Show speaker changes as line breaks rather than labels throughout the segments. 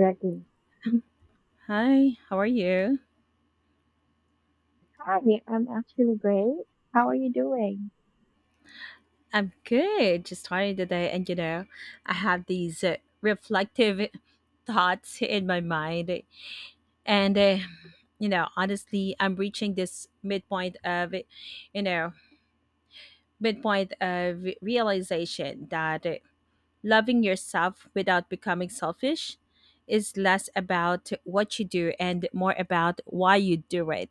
Exactly.
Hi, how are you?
Hi, I'm actually great. How are you doing?
I'm good. Just starting the day, and I have these reflective thoughts in my mind. And, uh, Honestly, I'm reaching this midpoint of, you know, midpoint of realization that loving yourself without becoming selfish is less about what you do and more about why you do it.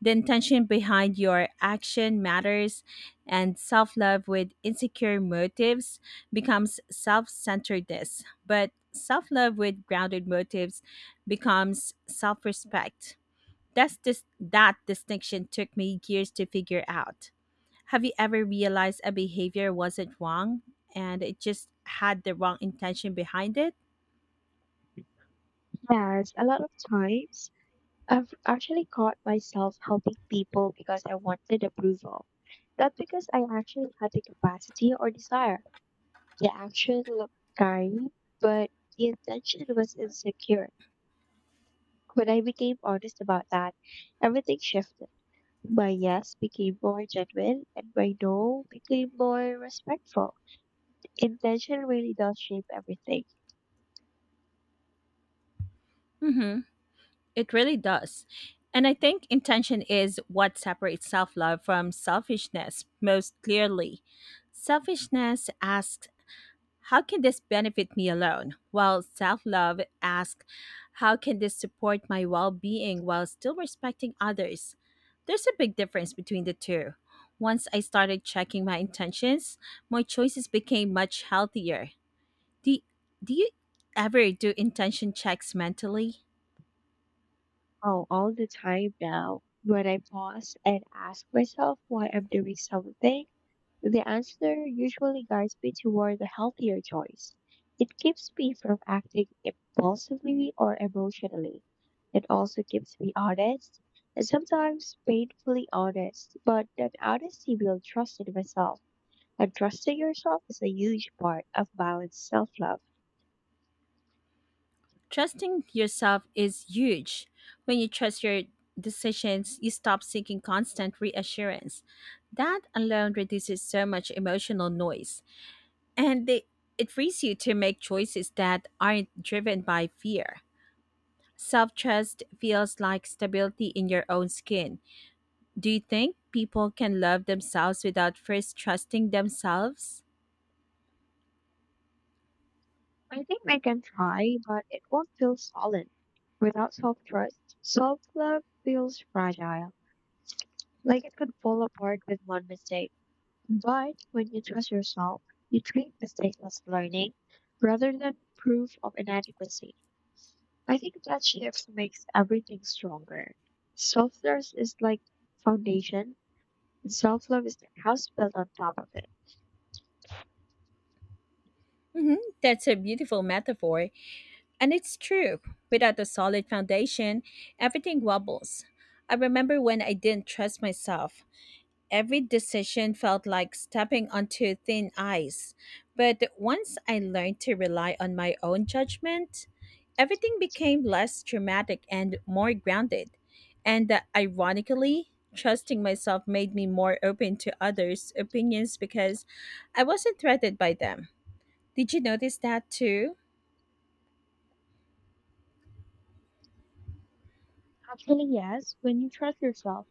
The intention behind your action matters, and self love with insecure motives becomes self centeredness. But self love with grounded motives becomes self respect. That distinction took me years to figure out. Have you ever realized a behavior wasn't wrong and it just had the wrong intention behind it?
Yes, a lot of times I've actually caught myself helping people because I wanted approval, not because I actually had the capacity or desire. The action looked scary, but the intention was insecure. When I became honest about that, everything shifted. My yes became more genuine, and my no became more respectful. Intention really does shape everything.
Mm-hmm. It really does. And I think intention is what separates self love from selfishness most clearly. Selfishness asks, how can this benefit me alone? While self love asks, how can this support my well being while still respecting others? There's a big difference between the two. Once I started checking my intentions, my choices became much healthier. Do, do you ever do intention checks mentally?
Oh, all the time now. When I pause and ask myself why I'm doing something, the answer usually guides me toward a healthier choice. It keeps me from acting impulsively or emotionally. It also keeps me honest, and sometimes painfully honest, but that honesty builds trust in myself. But trusting yourself is a huge part of balanced self love.
Trusting yourself is huge. When you trust your decisions, you stop seeking constant reassurance. That alone reduces so much emotional noise, and they, it frees you to make choices that aren't driven by fear. Self trust feels like stability in your own skin. Do you think people can love themselves without first trusting themselves?
I think I can try, but it won't feel solid. Without self trust, self love feels fragile, like it could fall apart with one mistake. But when you trust yourself, you treat mistakes as learning rather than proof of inadequacy. I think that shift makes everything stronger. Self trust is like foundation, and self love is the house built on top of it.
Hmm. That's a beautiful metaphor, and it's true. Without a solid foundation, everything wobbles. I remember when I didn't trust myself. Every decision felt like stepping onto thin ice. But once I learned to rely on my own judgment, everything became less dramatic and more grounded. And ironically, trusting myself made me more open to others' opinions because I wasn't threatened by them. Did you notice that too?
Actually, yes, when you trust yourself,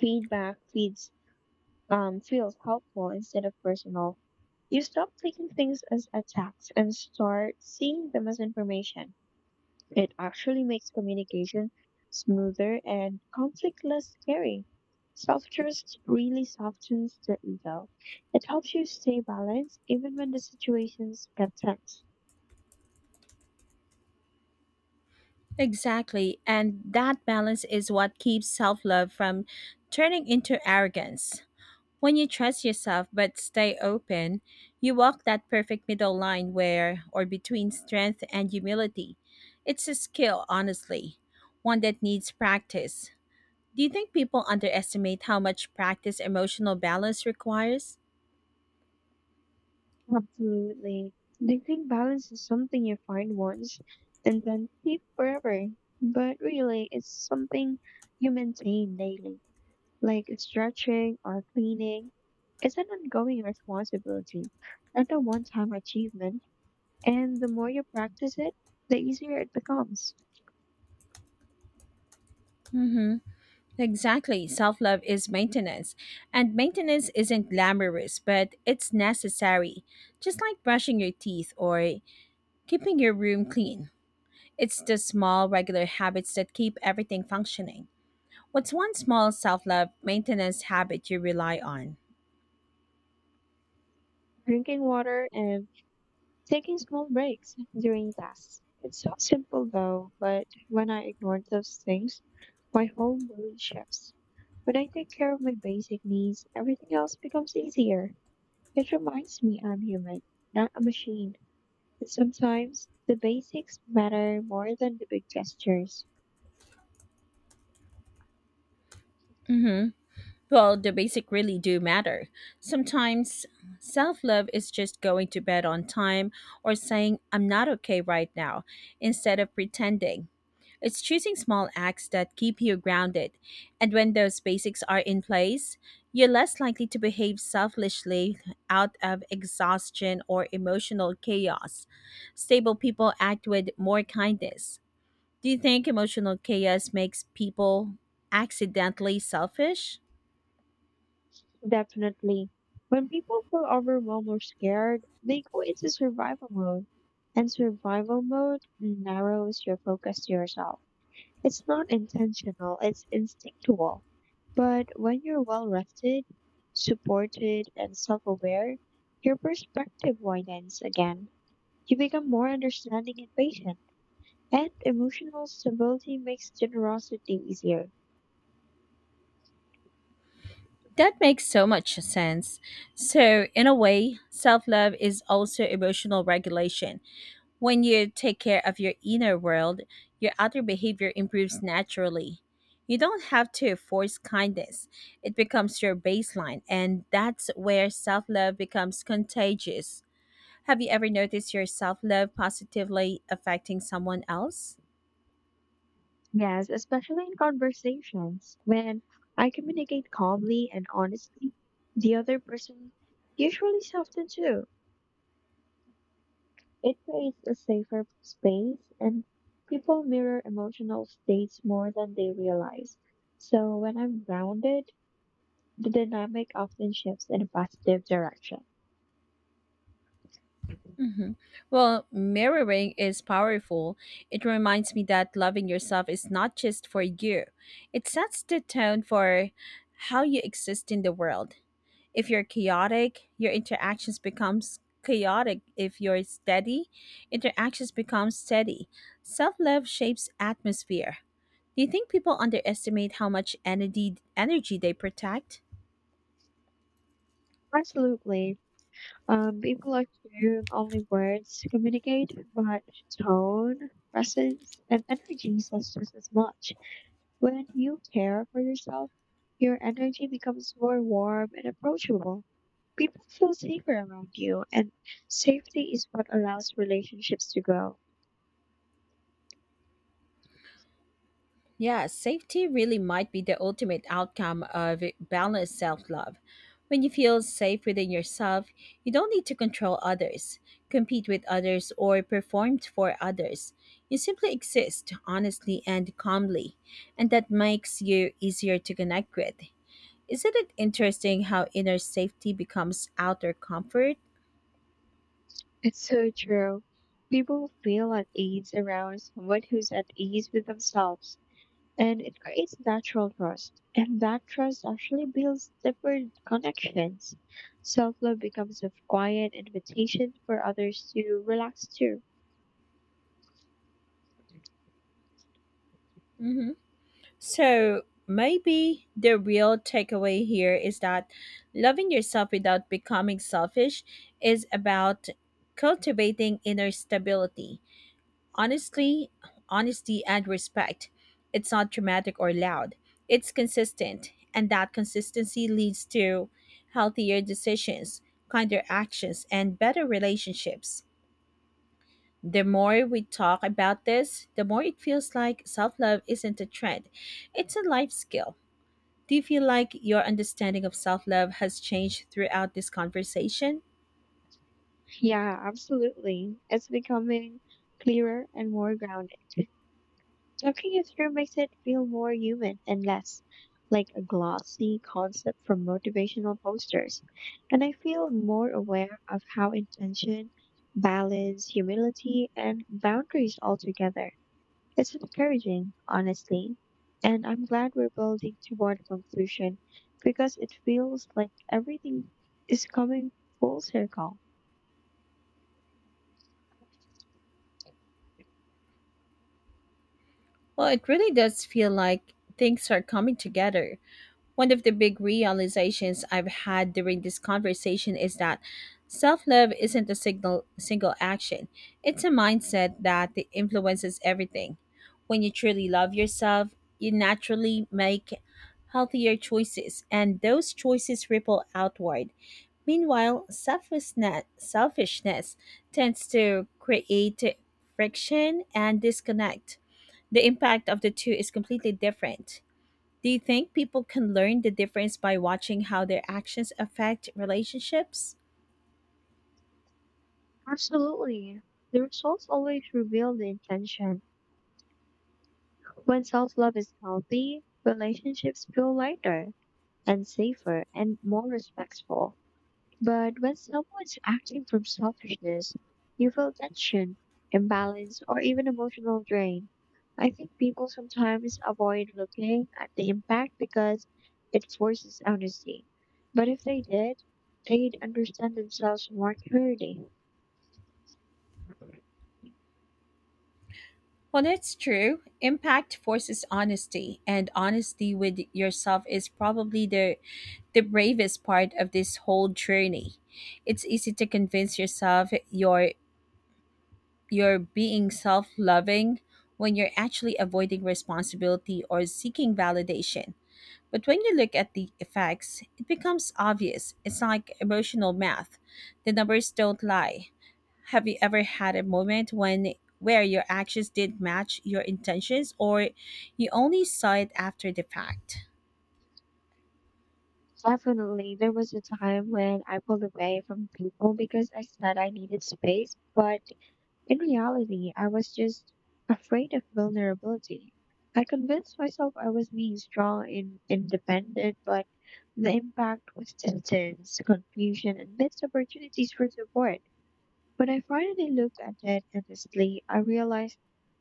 Feedback feeds feels helpful instead of personal. You stop taking things as attacks and start seeing them as information. It actually makes communication smoother and conflict less scary. Self-trust really softens the ego. It helps you stay balanced even when the situations get tense.
Exactly. And that balance is what keeps self love from turning into arrogance. When you trust yourself but stay open, you walk that perfect middle line where or between strength and humility. It's a skill, honestly, one that needs practice. Do you think people underestimate how much practice emotional balance requires?
Absolutely. Do you think balance is something you find once and then keep forever? But really, it's something you maintain daily, like stretching or cleaning. It's an ongoing responsibility, not a one time achievement. And the more you practice it, the easier it becomes.
Mm-hmm. Exactly. Self love is maintenance. And maintenance isn't glamorous, but it's necessary. Just like brushing your teeth or keeping your room clean. It's the small, regular habits that keep everything functioning. What's one small self love maintenance habit you rely on?
Drinking water and taking small breaks during tasks. It's so simple though, but when I ignore those things, my whole mood shifts. When I take care of my basic needs, everything else becomes easier. It reminds me I'm human, not a machine. And sometimes the basics matter more than the big gestures.
Hmm. Well, the basic really do matter. Sometimes self love is just going to bed on time or saying, I'm not okay right now, instead of pretending. It's choosing small acts that keep you grounded. And when those basics are in place, you're less likely to behave selfishly out of exhaustion or emotional chaos. Stable people act with more kindness. Do you think emotional chaos makes people accidentally selfish?
Definitely. When people feel overwhelmed or scared, they go into survival mode. And survival mode narrows your focus to yourself. It's not intentional, it's instinctual. But when you're well rested, supported, and self aware, your perspective widens again. You become more understanding and patient, and emotional stability makes generosity easier.
That makes so much sense. So, in a way, self love is also emotional regulation. When you take care of your inner world, your outer behavior improves naturally. You don't have to force kindness, it becomes your baseline, and that's where self love becomes contagious. Have you ever noticed your self love positively affecting someone else?
Yes, especially in conversations. When I communicate calmly and honestly, the other person usually softens too. It creates a safer space and people mirror emotional states more than they realize. So when I'm grounded, the dynamic often shifts in a positive direction.
Hmm. Well, mirroring is powerful. It reminds me that loving yourself is not just for you, it sets the tone for how you exist in the world. If you're chaotic, your interactions becomes chaotic. If you're steady, interactions become steady. Self-love shapes atmosphere. Do you think people underestimate how much energy they protect?
Absolutely. People assume only words communicate, but tone, presence, and energy says just as much. When you care for yourself, your energy becomes more warm and approachable. People feel safer around you, and safety is what allows relationships to grow.
Yeah, safety really might be the ultimate outcome of balanced self love. When you feel safe within yourself, you don't need to control others, compete with others, or perform for others. You simply exist honestly and calmly, and that makes you easier to connect with. Isn't it interesting how inner safety becomes outer comfort?
It's so true. People feel at ease around someone who's at ease with themselves, and it creates natural trust. And that trust actually builds deeper connections. Self love becomes a quiet invitation for others to relax too.
Hmm. So maybe the real takeaway here is that loving yourself without becoming selfish is about cultivating inner stability. Honestly, honesty and respect. It's not dramatic or loud. It's consistent, and that consistency leads to healthier decisions, kinder actions, and better relationships. The more we talk about this, the more it feels like self love isn't a trend, it's a life skill. Do you feel like your understanding of self love has changed throughout this conversation?
Yeah, absolutely. It's becoming clearer and more grounded. Talking it through makes it feel more human and less like a glossy concept from motivational posters. And I feel more aware of how intention, balance, humility, and boundaries all together. It's encouraging, honestly. And I'm glad we're building toward a conclusion because it feels like everything is coming full circle.
Well, it really does feel like things are coming together. One of the big realizations I've had during this conversation is that self love isn't a single action, it's a mindset that influences everything. When you truly love yourself, you naturally make healthier choices, and those choices ripple outward. Meanwhile, selfishness tends to create friction and disconnect. The impact of the two is completely different. Do you think people can learn the difference by watching how their actions affect relationships?
Absolutely. The results always reveal the intention. When self love is healthy, relationships feel lighter and safer and more respectful. But when someone's acting from selfishness, you feel tension, imbalance, or even emotional drain. I think people sometimes avoid looking at the impact because it forces honesty. But if they did, they'd understand themselves more clearly.
Well, that's true. Impact forces honesty, and honesty with yourself is probably the bravest part of this whole journey. It's easy to convince yourself you're being self loving when you're actually avoiding responsibility or seeking validation. But when you look at the effects, it becomes obvious. It's like emotional math. The numbers don't lie. Have you ever had a moment when Where your actions did match your intentions or you only saw it after the fact?
Definitely, there was a time when I pulled away from people because I said I needed space, but in reality, I was just afraid of vulnerability. I convinced myself I was being strong and independent, but the impact was distance, confusion, and missed opportunities for support. When I finally looked at it honestly, I realized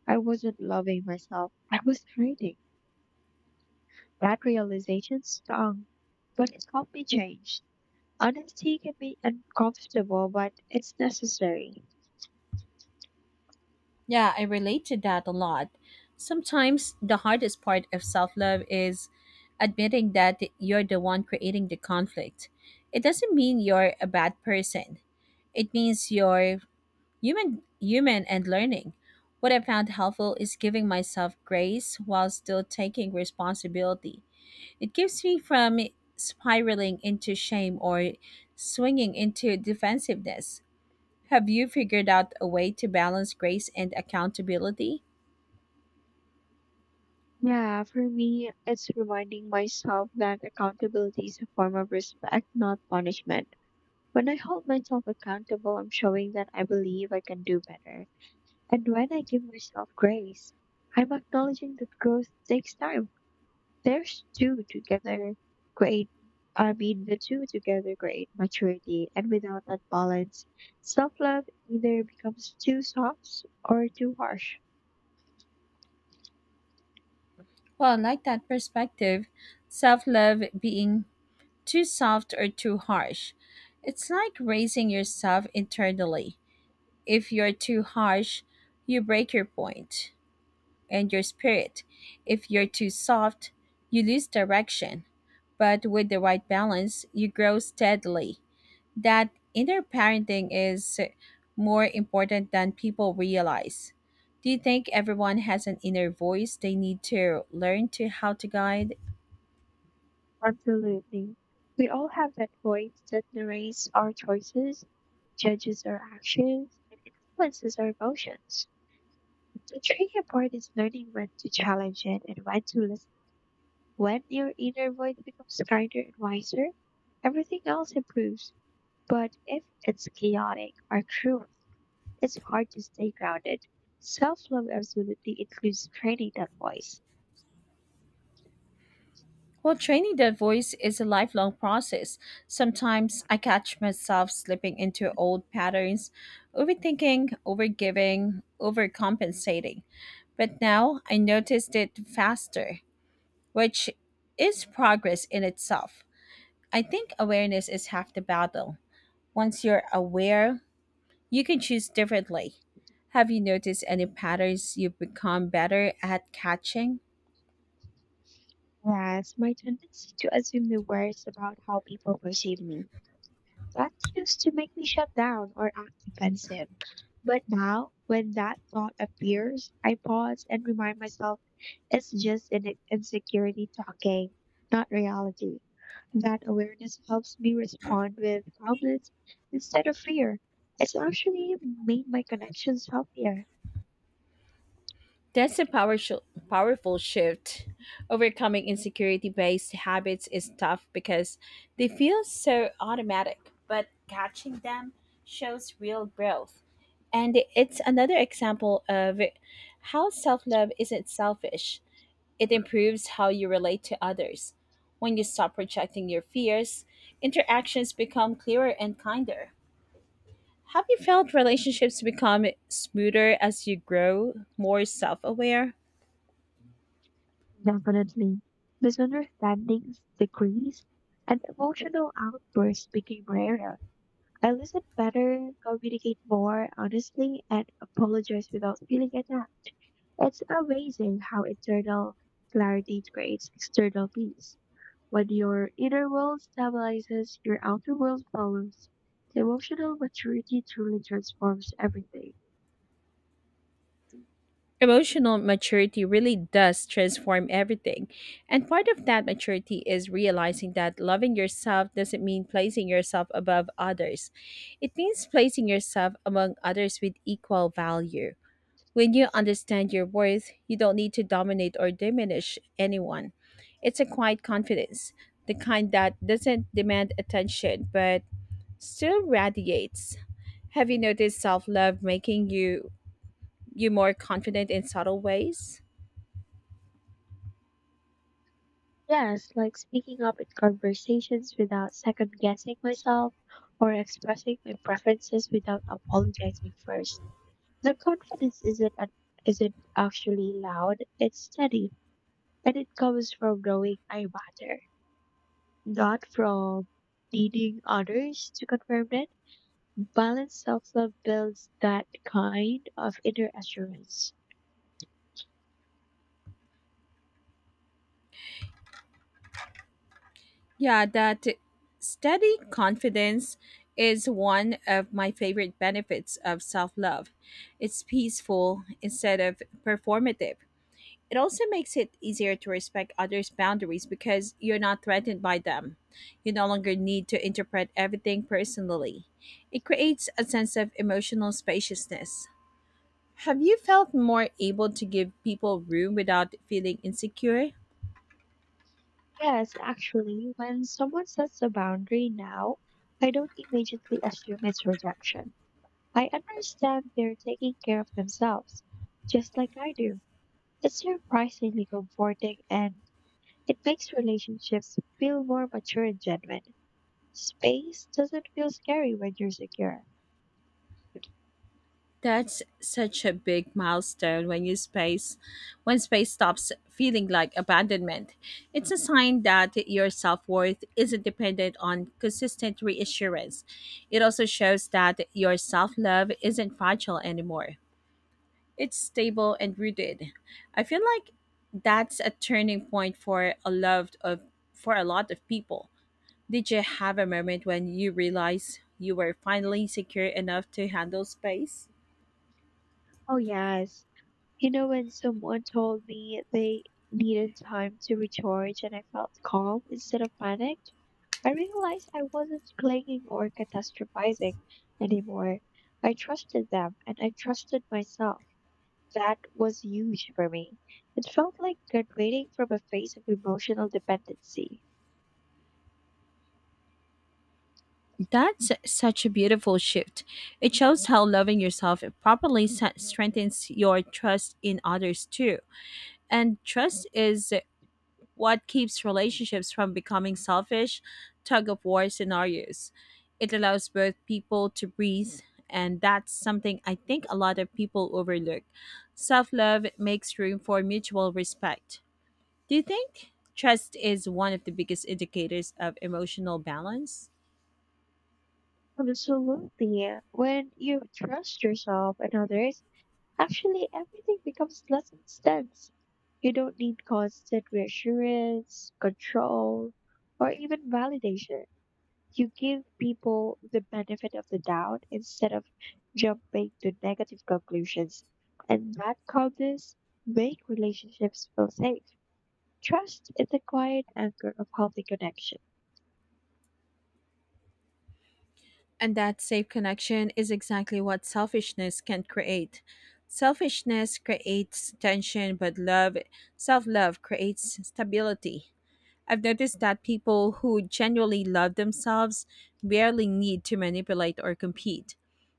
I wasn't loving myself. I was hiding. That realization stung, but it helped me change. Honesty can be uncomfortable, but it's necessary.
Yeah, I relate to that a lot. Sometimes the hardest part of self love is admitting that you're the one creating the conflict. It doesn't mean you're a bad person. It means you're human and learning. What I found helpful is giving myself grace while still taking responsibility. It keeps me from spiraling into shame or swinging into defensiveness. Have you figured out a way to balance grace and accountability?
Yeah, for me, it's reminding myself that accountability is a form of respect, not punishment. When I hold myself accountable, I'm showing that I believe I can do better. And when I give myself grace, I'm acknowledging that growth takes time. There's two together great, the two together create maturity, and without that balance, self love either becomes too soft or too harsh.
Well, I like that perspective. Self love being too soft or too harsh. It's like raising yourself internally. If you're too harsh, you break your point and your spirit. If you're too soft, you lose direction. But with the right balance, you grow steadily. That inner parenting is more important than people realize. Do you think everyone has an inner voice they need to learn to how to guide?
Absolutely. We all have that voice that narrates our choices, judges our actions, and influences our emotions. The tricky part is learning when to challenge it and when to listen. When your inner voice becomes kinder and wiser, everything else improves. But if it's chaotic or cruel, it's hard to stay grounded. Self love absolutely includes training that voice.
Well, training that voice is a lifelong process. Sometimes I catch myself slipping into old patterns, overthinking, overgiving, overcompensating. But now I noticed it faster, which is progress in itself. I think awareness is half the battle. Once you're aware, you can choose differently. Have you noticed any patterns you've become better at catching?
Yes, my tendency to assume the worst about how people perceive me. That used to make me shut down or act defensive. But now, when that thought appears, I pause and remind myself it's just an insecurity talking, not reality. That awareness helps me respond with calmness instead of fear. It's actually made my connections healthier.
That's a powerful shift. Overcoming insecurity based habits is tough because they feel so automatic, but catching them shows real growth. And it's another example of how self love isn't selfish, it improves how you relate to others. When you stop projecting your fears, interactions become clearer and kinder. Have you felt relationships become smoother as you grow more self aware?
Definitely. Misunderstandings decreased and emotional outbursts became rarer. I listen better, communicate more honestly, and apologize without feeling attacked. It's amazing how internal clarity creates external peace. When your inner world stabilizes, your outer world follows. Emotional maturity truly transforms everything.
Emotional maturity really does transform everything. And part of that maturity is realizing that loving yourself doesn't mean placing yourself above others. It means placing yourself among others with equal value. When you understand your worth, you don't need to dominate or diminish anyone. It's a quiet confidence, the kind that doesn't demand attention but still radiates. Have you noticed self love making you more confident in subtle ways?
Yes, like speaking up in conversations without second guessing myself or expressing my preferences without apologizing first. The confidence isn't actually loud, it's steady. And it comes from knowing I matter, not from needing others to confirm it. Balanced self-love builds that kind of inner assurance.
Yeah, that steady confidence is one of my favorite benefits of self love. It's peaceful instead of performative. It also makes it easier to respect others' boundaries because you're not threatened by them. You no longer need to interpret everything personally. It creates a sense of emotional spaciousness. Have you felt more able to give people room without feeling insecure?
Yes, actually, when someone sets a boundary now, I don't immediately assume it's rejection. I understand they're taking care of themselves, just like I do. It's surprisingly comforting and it makes relationships feel more mature and genuine. Space doesn't feel scary when you're secure.
That's such a big milestone when space stops feeling like abandonment. It's a sign that your self-worth isn't dependent on consistent reassurance. It also shows that your self-love isn't fragile anymore. It's stable and rooted. I feel like that's a turning point for a lot of people. Did you have a moment when you realized you were finally secure enough to handle space?
Oh, yes. You know, when someone told me they needed time to recharge and I felt calm instead of panicked, I realized I wasn't clinging or catastrophizing anymore. I trusted them and I trusted myself. That was huge for me. It felt like graduating from a phase of emotional dependency.
That's such a beautiful shift. It shows how loving yourself properly strengthens your trust in others too. And trust is what keeps relationships from becoming selfish, tug of war scenarios. It allows both people to breathe, and that's something I think a lot of people overlook. Self love makes room for mutual respect. Do you think trust is one of the biggest indicators of emotional balance?
Absolutely. When you trust yourself and others, actually everything becomes less intense. You don't need constant reassurance, control, or even validation. You give people the benefit of the doubt instead of jumping to negative conclusions. And that calmness make relationships feel safe. Trust is the quiet anchor of healthy connection.
And that safe connection is exactly what selfishness can create. Selfishness creates tension, but love, self love, creates stability. I've noticed that people who genuinely love themselves barely need to manipulate or compete.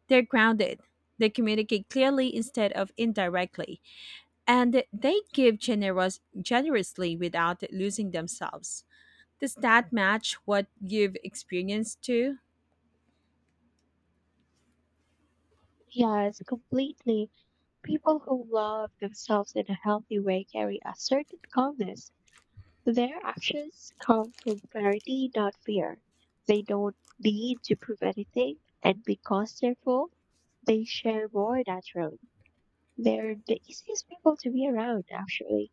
They're grounded, they communicate clearly instead of indirectly, and they give generously without losing themselves. Does that match what you've experienced too?
Yes, completely. People who love themselves in a healthy way carry a certain calmness. Their actions come from clarity, not fear. They don't need to prove anything, and because they're full, they share more naturally. They're the easiest people to be around, actually.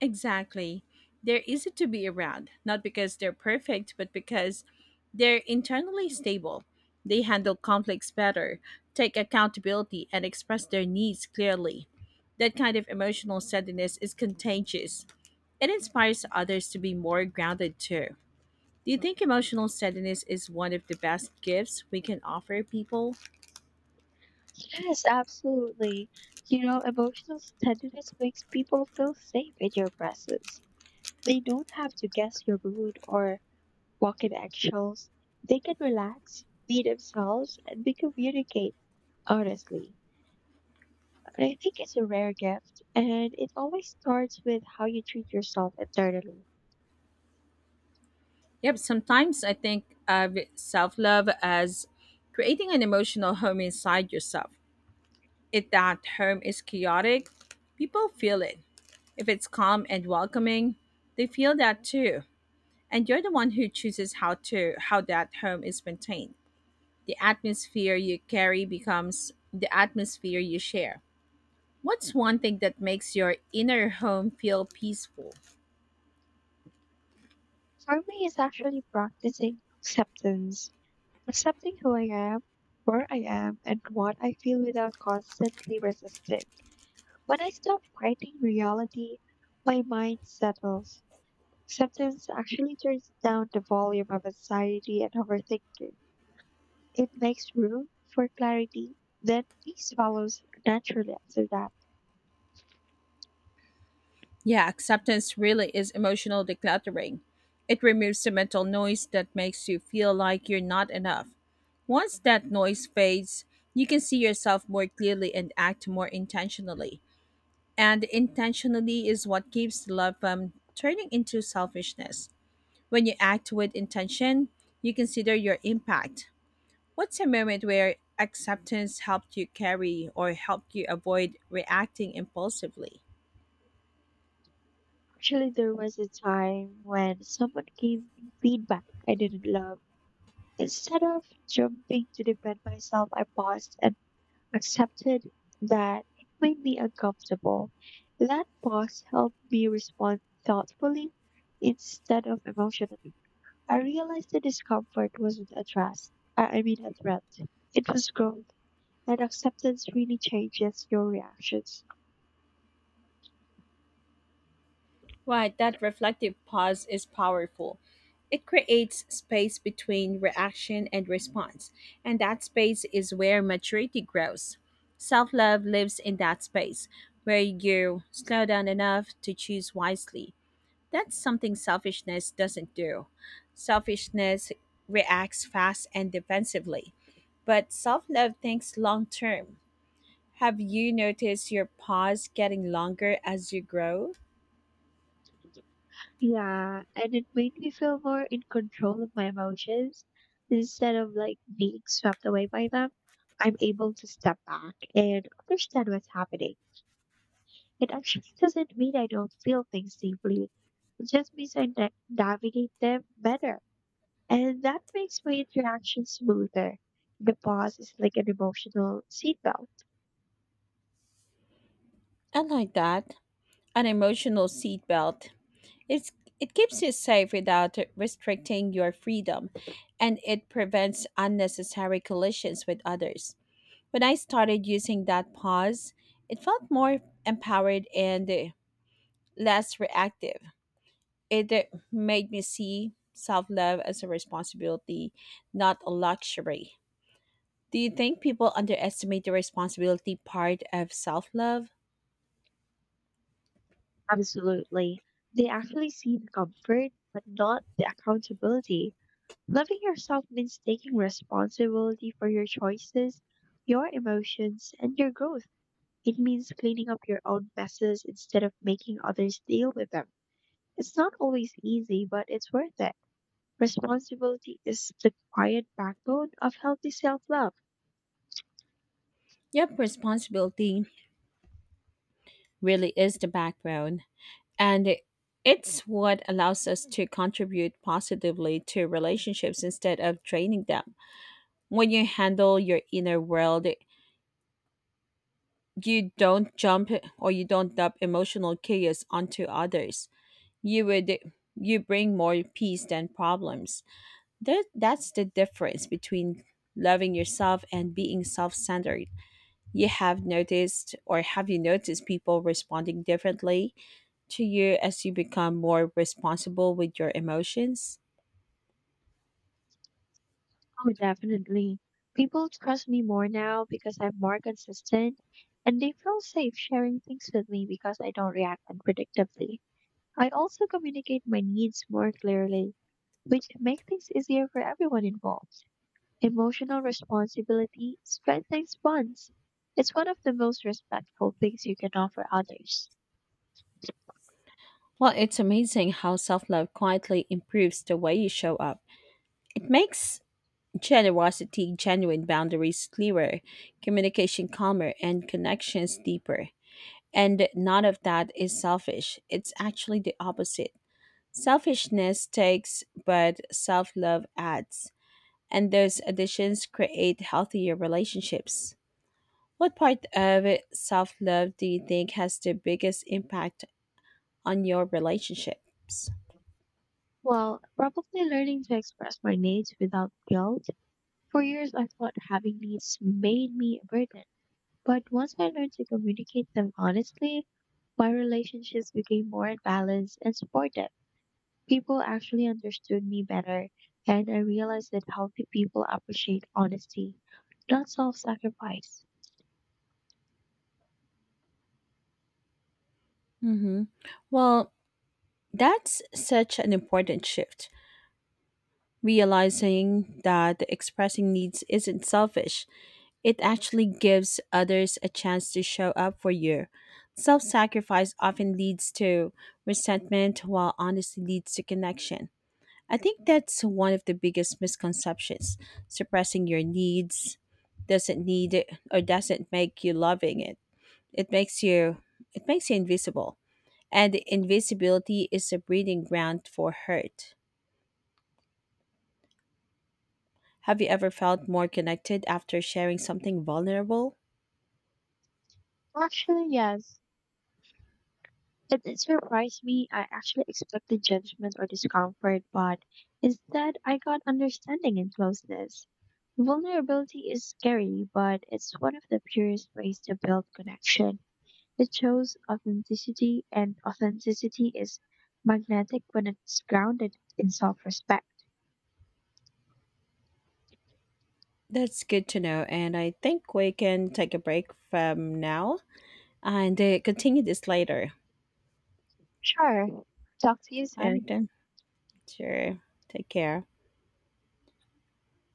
Exactly. They're easy to be around, not because they're perfect, but because they're internally stable. They handle conflicts better, take accountability, and express their needs clearly. That kind of emotional steadiness is contagious. It inspires others to be more grounded too. Do you think emotional steadiness is one of the best gifts we can offer people?
Yes, absolutely. You know, emotional steadiness makes people feel safe in your presence. They don't have to guess your mood or walk in eggshells. They can relax, be themselves, and they communicate honestly. And I think it's a rare gift, and it always starts with how you treat yourself internally.
Yep, sometimes I think of self love as creating an emotional home inside yourself. If that home is chaotic, people feel it. If it's calm and welcoming, they feel that too. And you're the one who chooses how that home is maintained. The atmosphere you carry becomes the atmosphere you share. What's one thing that makes your inner home feel peaceful?
For me, it's actually practicing acceptance. Accepting who I am, where I am, and what I feel without constantly resisting. When I stop fighting reality, my mind settles. Acceptance actually turns down the volume of anxiety and overthinking. It makes room for clarity. Then peace follows naturally after that.
Yeah, acceptance really is emotional decluttering. It removes the mental noise that makes you feel like you're not enough. Once that noise fades, you can see yourself more clearly and act more intentionally. And intentionally is what keeps the love from turning into selfishness. When you act with intention, you consider your impact. What's a moment where acceptance helped you avoid reacting impulsively?
Actually, there was a time when someone gave me feedback I didn't love. Instead of jumping to defend myself, I paused and accepted that it made me uncomfortable. That pause helped me respond thoughtfully instead of emotionally. I realized the discomfort wasn't a threat. I I mean, a threat. It was growth, and acceptance really changes your reactions.
Right, that reflective pause is powerful. It creates space between reaction and response, and that space is where maturity grows. Self love lives in that space, where you slow down enough to choose wisely. That's something selfishness doesn't do. Selfishness reacts fast and defensively, but self love thinks long term. Have you noticed your pause getting longer as you grow?
Yeah, and it made me feel more in control of my emotions instead of like being swept away by them. I'm able to step back and understand what's happening. It actually doesn't mean I don't feel things deeply. It just means I navigate them better. And that makes my interactions smoother. The pause is like an emotional seatbelt.
I like that. An emotional seatbelt. It's it keeps you safe without restricting your freedom, and it prevents unnecessary collisions with others. When I started using that pause, it felt more empowered and less reactive. It made me see self love as a responsibility, not a luxury. Do you think people underestimate the responsibility part of self love?
Absolutely. They actually see the comfort, but not the accountability. Loving yourself means taking responsibility for your choices, your emotions, and your growth. It means cleaning up your own messes instead of making others deal with them. It's not always easy, but it's worth it. Responsibility is the quiet backbone of healthy self love.
Yep, responsibility really is the backbone. And it's what allows us to contribute positively to relationships instead of draining them. When you handle your inner world, you don't jump you don't dump emotional chaos onto others. You would you bring more peace than problems. That's the difference between loving yourself and being self-centered. You have noticed or have you noticed people responding differently to you as you become more responsible with your emotions?
Oh, definitely. People trust me more now because I'm more consistent and they feel safe sharing things with me because I don't react unpredictably. I also communicate my needs more clearly, which makes things easier for everyone involved. Emotional responsibility strengthens bonds. It's one of the most respectful things you can offer others.
Well, it's amazing how self love quietly improves the way you show up. It makes generosity, genuine boundaries clearer, communication calmer, and connections deeper. And none of that is selfish, it's actually the opposite. Selfishness takes, but self love adds. And those additions create healthier relationships. What part of self love do you think has the biggest impact on your relationships?
Well, probably learning to express my needs without guilt. For years, I thought having needs made me a burden, but once I learned to communicate them honestly, my relationships became more balanced and supportive. People actually understood me better, and I realized that healthy people appreciate honesty, not self sacrifice.
Hmm. Well, that's such an important shift. Realizing that expressing needs isn't selfish, it actually gives others a chance to show up for you. Self sacrifice often leads to resentment, while honesty leads to connection. I think that's one of the biggest misconceptions. Suppressing your needs doesn't make you loving it. It makes you it makes you invisible. And invisibility is a breeding ground for hurt. Have you ever felt more connected after sharing something vulnerable?
Actually, yes. It surprise me. I actually expected judgment or discomfort, but instead I got understanding and closeness. Vulnerability is scary, but it's one of the purest ways to build connection. It shows authenticity, and authenticity is magnetic when it's grounded in self respect.
That's good to know, and I think we can take a break from now and continue this later.
Sure. Talk to you
All
soon.
right, then. Sure. Take care.